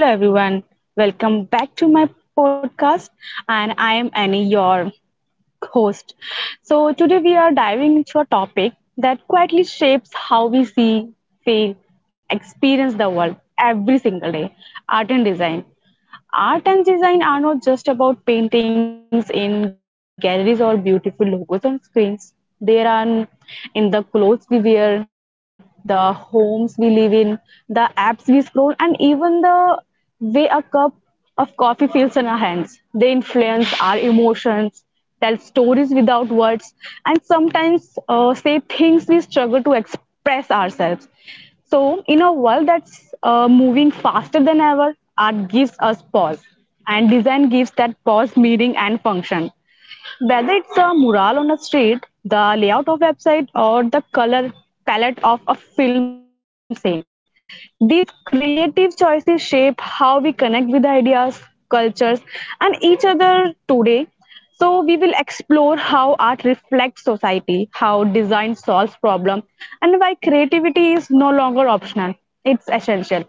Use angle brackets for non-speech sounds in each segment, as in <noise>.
Hello, everyone. Welcome back to my podcast. And I am Annie, your host. So, today we are diving into a topic that quietly shapes how we see, feel, experience the world every single day art and design. Art and design are not just about paintings in galleries or beautiful logos on screens. They are in the clothes we wear, the homes we live in, the apps we scroll, and even the way a cup of coffee feels in our hands. They influence our emotions, tell stories without words, and sometimes say things we struggle to express ourselves. So, in a world that's moving faster than ever, art gives us pause, and design gives that pause meaning and function. Whether it's a mural on a street, the layout of website, or the color palette of a film scene, these creative choices shape how we connect with ideas, cultures, and each other today. So we will explore how art reflects society, how design solves problems, and why creativity is no longer optional; it's essential.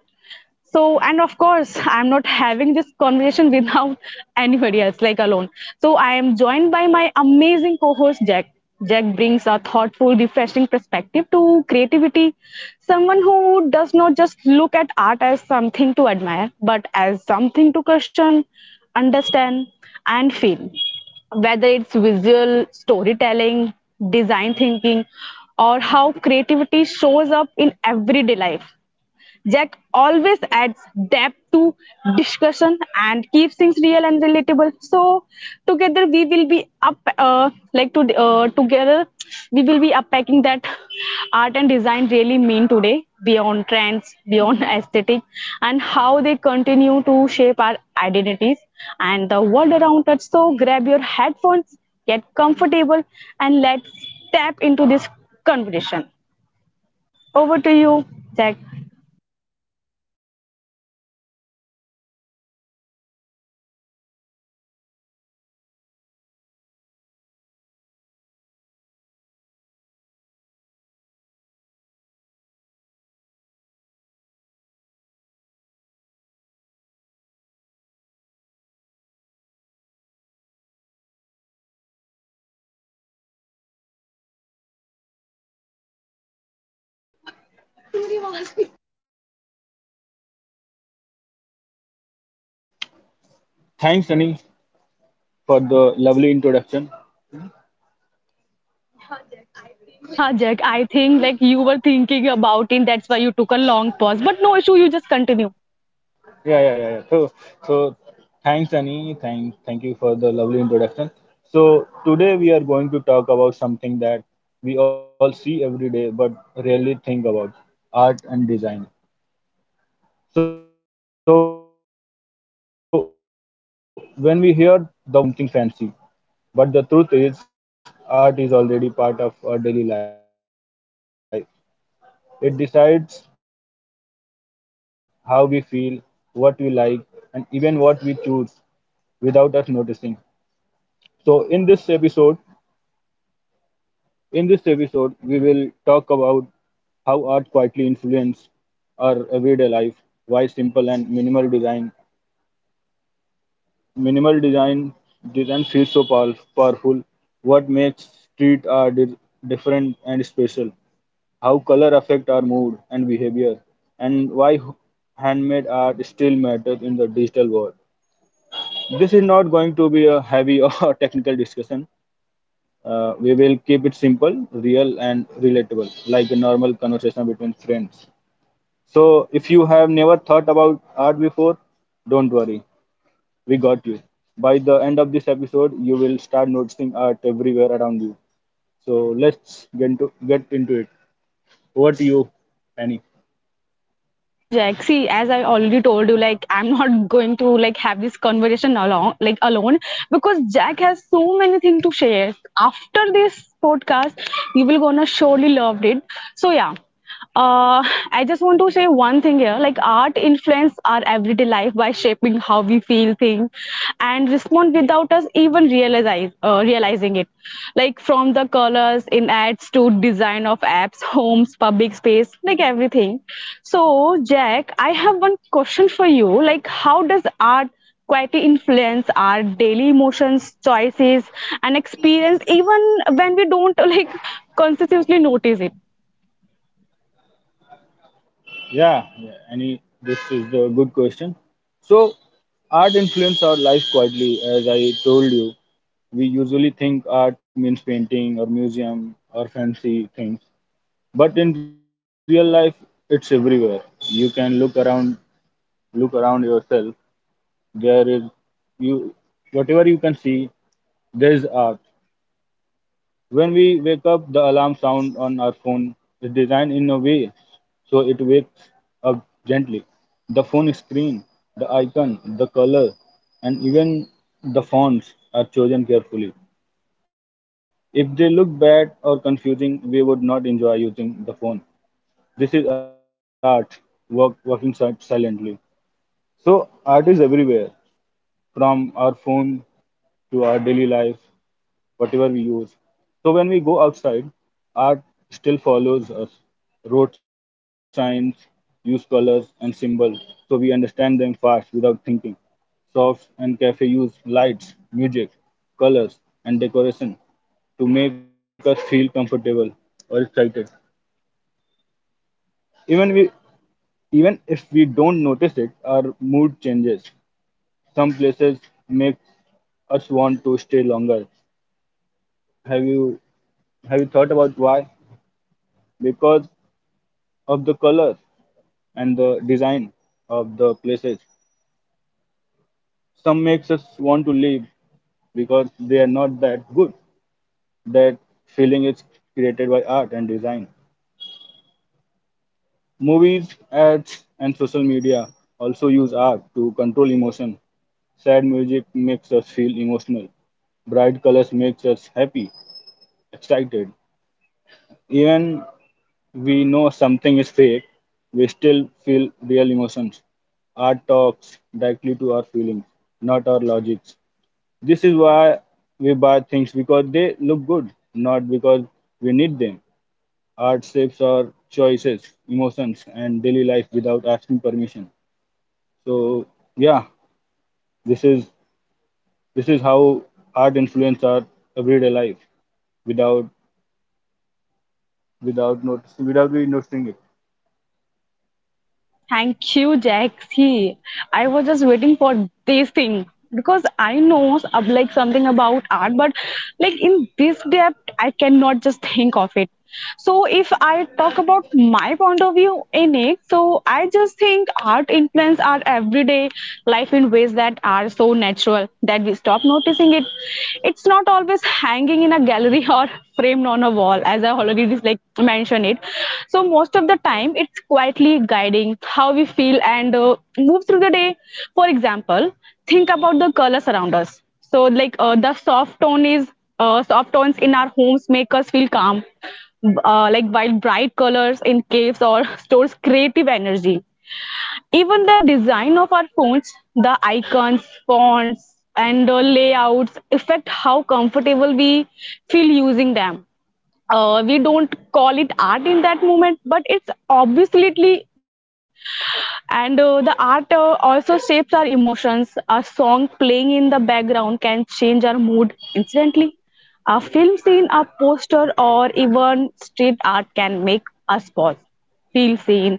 So, and of course, <laughs> I'm not having this conversation without <laughs> anybody else, like alone. So, I am joined by my amazing co host, Jack. Jack brings a thoughtful, refreshing perspective to creativity. Someone who does not just look at art as something to admire, but as something to question, understand, and feel whether it's visual storytelling, design thinking, or how creativity shows up in everyday life. Jack always adds depth to discussion and keeps things real and relatable. So together we will be up like to together we will be unpacking that art and design really mean today beyond trends, beyond <laughs> aesthetic, and how they continue to shape our identities and the world around us. So grab your headphones, get comfortable, and let's tap into this conversation. Over to you, Jack. Thanks, Annie, for the lovely introduction. Yeah, Jack, I think like you were thinking about it. That's why you took a long pause. But no issue, you just continue. Yeah, yeah, yeah. yeah. So, so thanks, Annie. Thank you for the lovely introduction. So today we are going to talk about something that we all see every day but rarely think about: art and design. So when we hear the word art, most of us imagine paintings, museums, or something fancy. But the truth is, art is already part of our daily life. It decides how we feel, what we like, and even what we choose without us noticing. So in this episode, we will talk about how art quietly influences our everyday life, why simple and minimal design feels so powerful, what makes street different and special, how color affect our mood and behavior, and why handmade art still matters in the digital world. This is not going to be a heavy <laughs> or technical discussion. We will keep it simple, real, and relatable, like a normal conversation between friends. So, if you have never thought about art before, don't worry, we got you. By the end of this episode, you will start noticing art everywhere around you. So, get into it. Over to you, Penny. Yeah. Thank you, Jack. See, as I already told you, like I'm not <laughs> going to like have this conversation alone because Jack has so many things to share. After this podcast, you will gonna surely love it. So yeah. Uh, I just want to say one thing here. Like art influence our everyday life by shaping how we feel, think, and respond without us even realizing it. Like from the colors in ads to design of apps, homes, public space, like everything. So, Jack, I have one question for you. Like, how does art quietly influence our daily emotions, choices, and experience, even when we don't <laughs> like consciously notice it? Yeah, yeah, any this is a good question. So, art influence our life quietly, as I told you. We usually think art means painting or museum or fancy things, but in real life, it's everywhere. You can look around yourself. There is you, whatever you can see, there is art. When we wake up, the alarm sound on our phone is designed in a way so it wakes up gently. The phone screen, the icon, the color, and even the fonts are chosen carefully. If they look bad or confusing, we would not enjoy using the phone. This is working silently. So, art is everywhere, from our phone to our daily life whatever we use. So when we go outside, art still follows us. Road signs use colors and symbols, so we understand them fast without thinking. Shops and cafes use lights, music, colors, and decoration to make us feel comfortable or excited. Even we Even if we don't notice it, our mood changes. Some places make us want to stay longer. Have you have you thought about why? Because of the color and the design of the places. Some makes us want to leave because they are not that good. That feeling is created by art and design. Movies, ads, and social media also use art to control emotion. Sad music makes us feel emotional. Bright colors makes us happy, excited. Even we know something is fake, we still feel real emotions. Art talks directly to our feelings, not our logics. This is why we buy things because they look good, not because we need them. Art shapes our choices, emotions, and daily life without asking permission. So yeah, this is this is how art influence our everyday life without without we noticing it. Thank you, Jaxi. I was just waiting for this thing because I know of like something about art, but like in this depth, I cannot just think of it. So if I talk about my point of view in it, so I just think art influence our everyday life in ways that are so natural that we stop noticing it. It's not always is hanging in a gallery <laughs> or framed on a wall, as I already just like mentioned it. So most of the time, it's quietly guiding how we feel and move through the day. For example, think about the colors around us. So like the soft tone is soft tones in our homes make us feel calm. Like while bright colors in caves or <laughs> stores creative energy even the design of our phones, the icons, fonts, and the layouts affect how comfortable we feel using them. We don't call it art in that moment, but it's obviously and the art also shapes our emotions. A song playing in the background can change our mood instantly. A film scene, a poster, or even street art can make us pause, feel seen,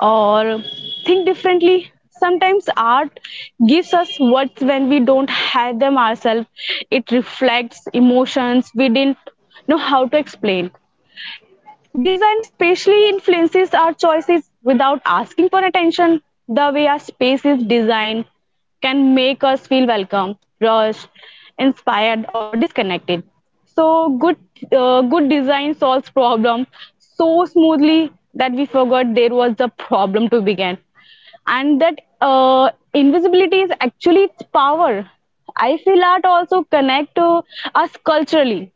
or think differently. Sometimes art gives us words when we don't have them ourselves. It reflects emotions we didn't know how to explain. Design specially influences our choices without asking for attention. The way our space is designed can make us feel welcome, rushed, inspired, or disconnected. So good design solves problem so smoothly that we forgot there was a problem to begin, and that invisibility is actually its power. I feel art also connects us culturally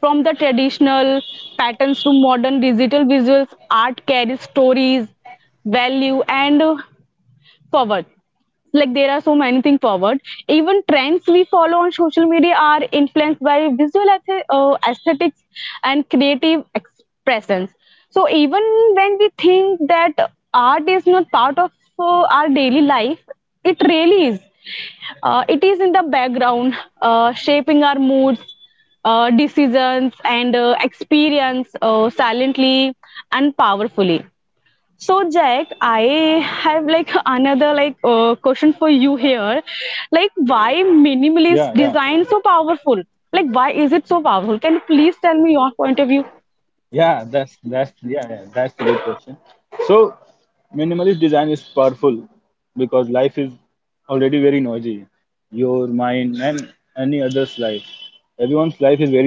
from the traditional patterns to modern digital visuals, art carries stories, value, and power like there are so many things forward. Even trends we follow on social media are influenced by visual aesthetics and creative expressions. So even when we think that art is not part of our daily life, it really is. It is in the background, shaping our moods, decisions, and experience silently and powerfully. So Jack, I have like another question for you here. Like Yeah, why yeah. minimalist design so powerful? Like why is it so powerful? Can you please tell me your point of view? Yeah, that's a good question. So minimalist design is powerful because life is already very noisy. Your mind and any other's life. Everyone's life is very noisy.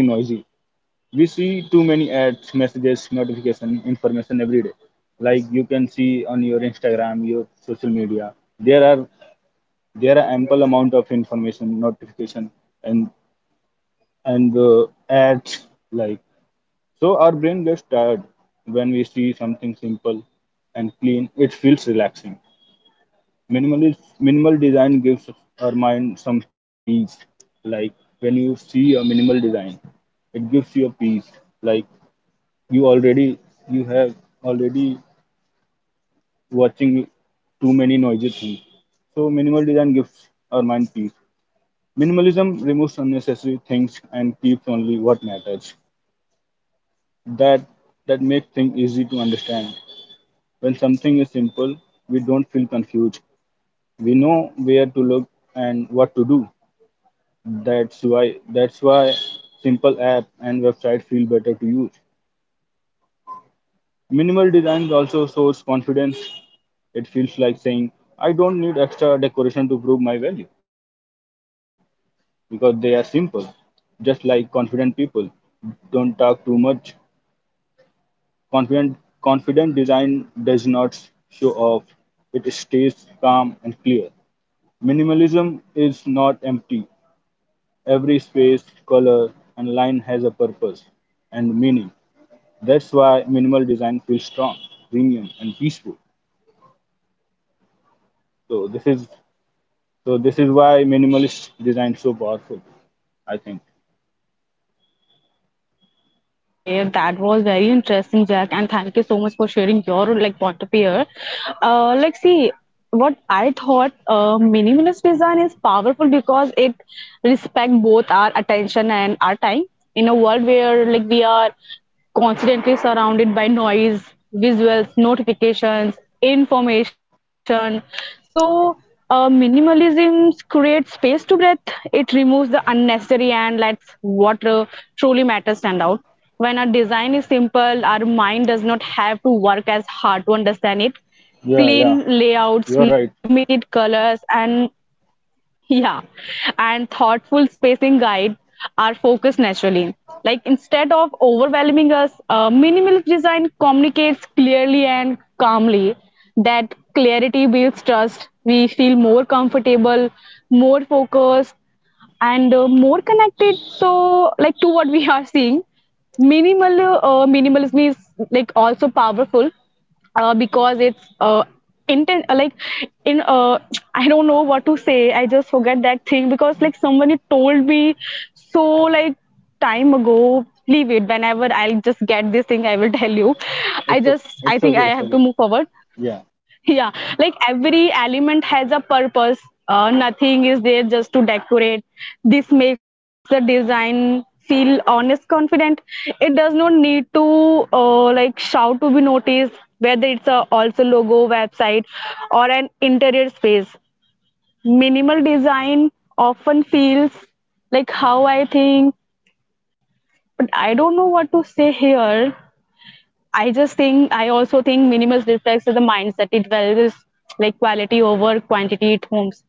We see too many ads, messages, notification, information every day. Like you can see on your Instagram, your social media. There are there are ample amount of information, notification and and ads, like, so our brain gets tired when we see something simple and clean. It feels relaxing. Minimal design gives our mind some peace. Like when you see a minimal design, it gives you a peace. Like you already you have already watching too many noisy things. So minimal design gives our mind peace. Minimalism removes unnecessary things and keeps only what matters. That that makes things easy to understand. When something is simple, we don't feel confused. We know where to look and what to do. That's why simple app and website feel better to use. Minimal designs also shows confidence. It feels like saying, I don't need extra decoration to prove my value because they are simple. Just like confident people don't talk too much. Confident confident design does not show off. It stays calm and clear. Minimalism is not empty; every space, color, and line has a purpose and meaning. That's why minimal design feels strong, premium, and peaceful. So this is why minimalist design is so powerful, I think. Okay, that was very interesting, Jack, and thank you so much for sharing your like point of view. Here. Like see, what I thought minimalist design is powerful because it respect both our attention and our time in a world where like we are constantly surrounded by noise, visuals, notifications, information. So, minimalism creates space to breathe. It removes the unnecessary and lets what truly matters stand out. When our design is simple, our mind does not have to work as hard to understand it. Clean layouts, limited colors, and <laughs> yeah, and thoughtful spacing guide our focus naturally. Like instead of overwhelming us, minimalist design communicates clearly and calmly. That clarity builds trust. We feel more comfortable, more focused, and more connected. So, like to what we are seeing, minimalism is like also powerful because it's intent like in <tsk> I don't know what to say. I just forget that thing because like somebody told me so like time ago. Leave it. Whenever I'll just get this thing, I will <laughs> tell you. I just I think I have to move forward. <laughs> Yeah, like every element has a purpose. Nothing is there just to decorate. This makes the design feel honest, confident. It does not need to like shout to be noticed. Whether it's a also logo website or an interior space, minimal design often feels like how I think, but I don't know what to say here. I just think I also think minimalist reflects the mindset. It values like quality over quantity it homes.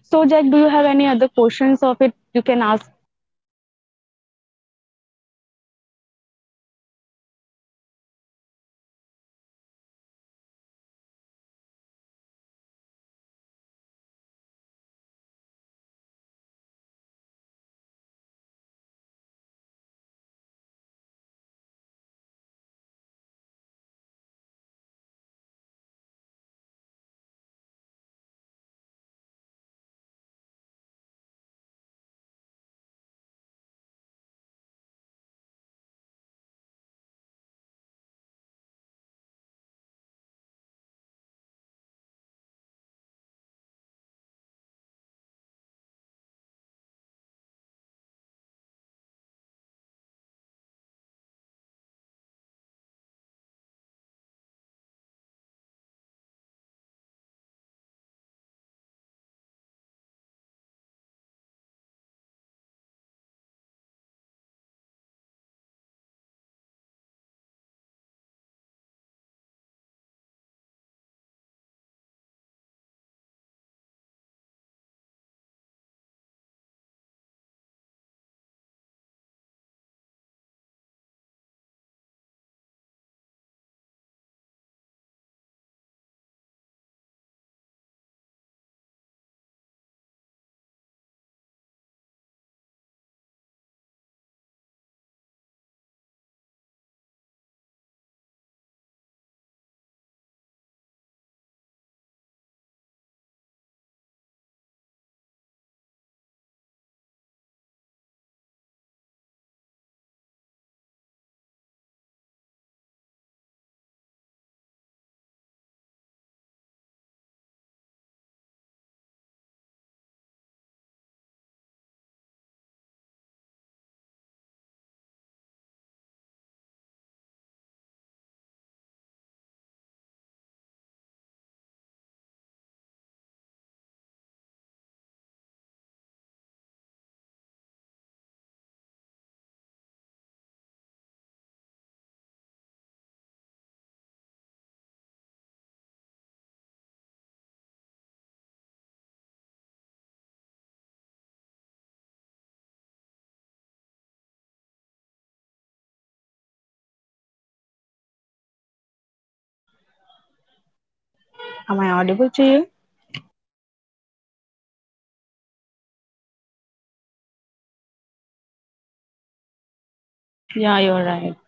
So Jack, do you have any other questions of it you can ask? Am I audible to you? Yeah, you're right.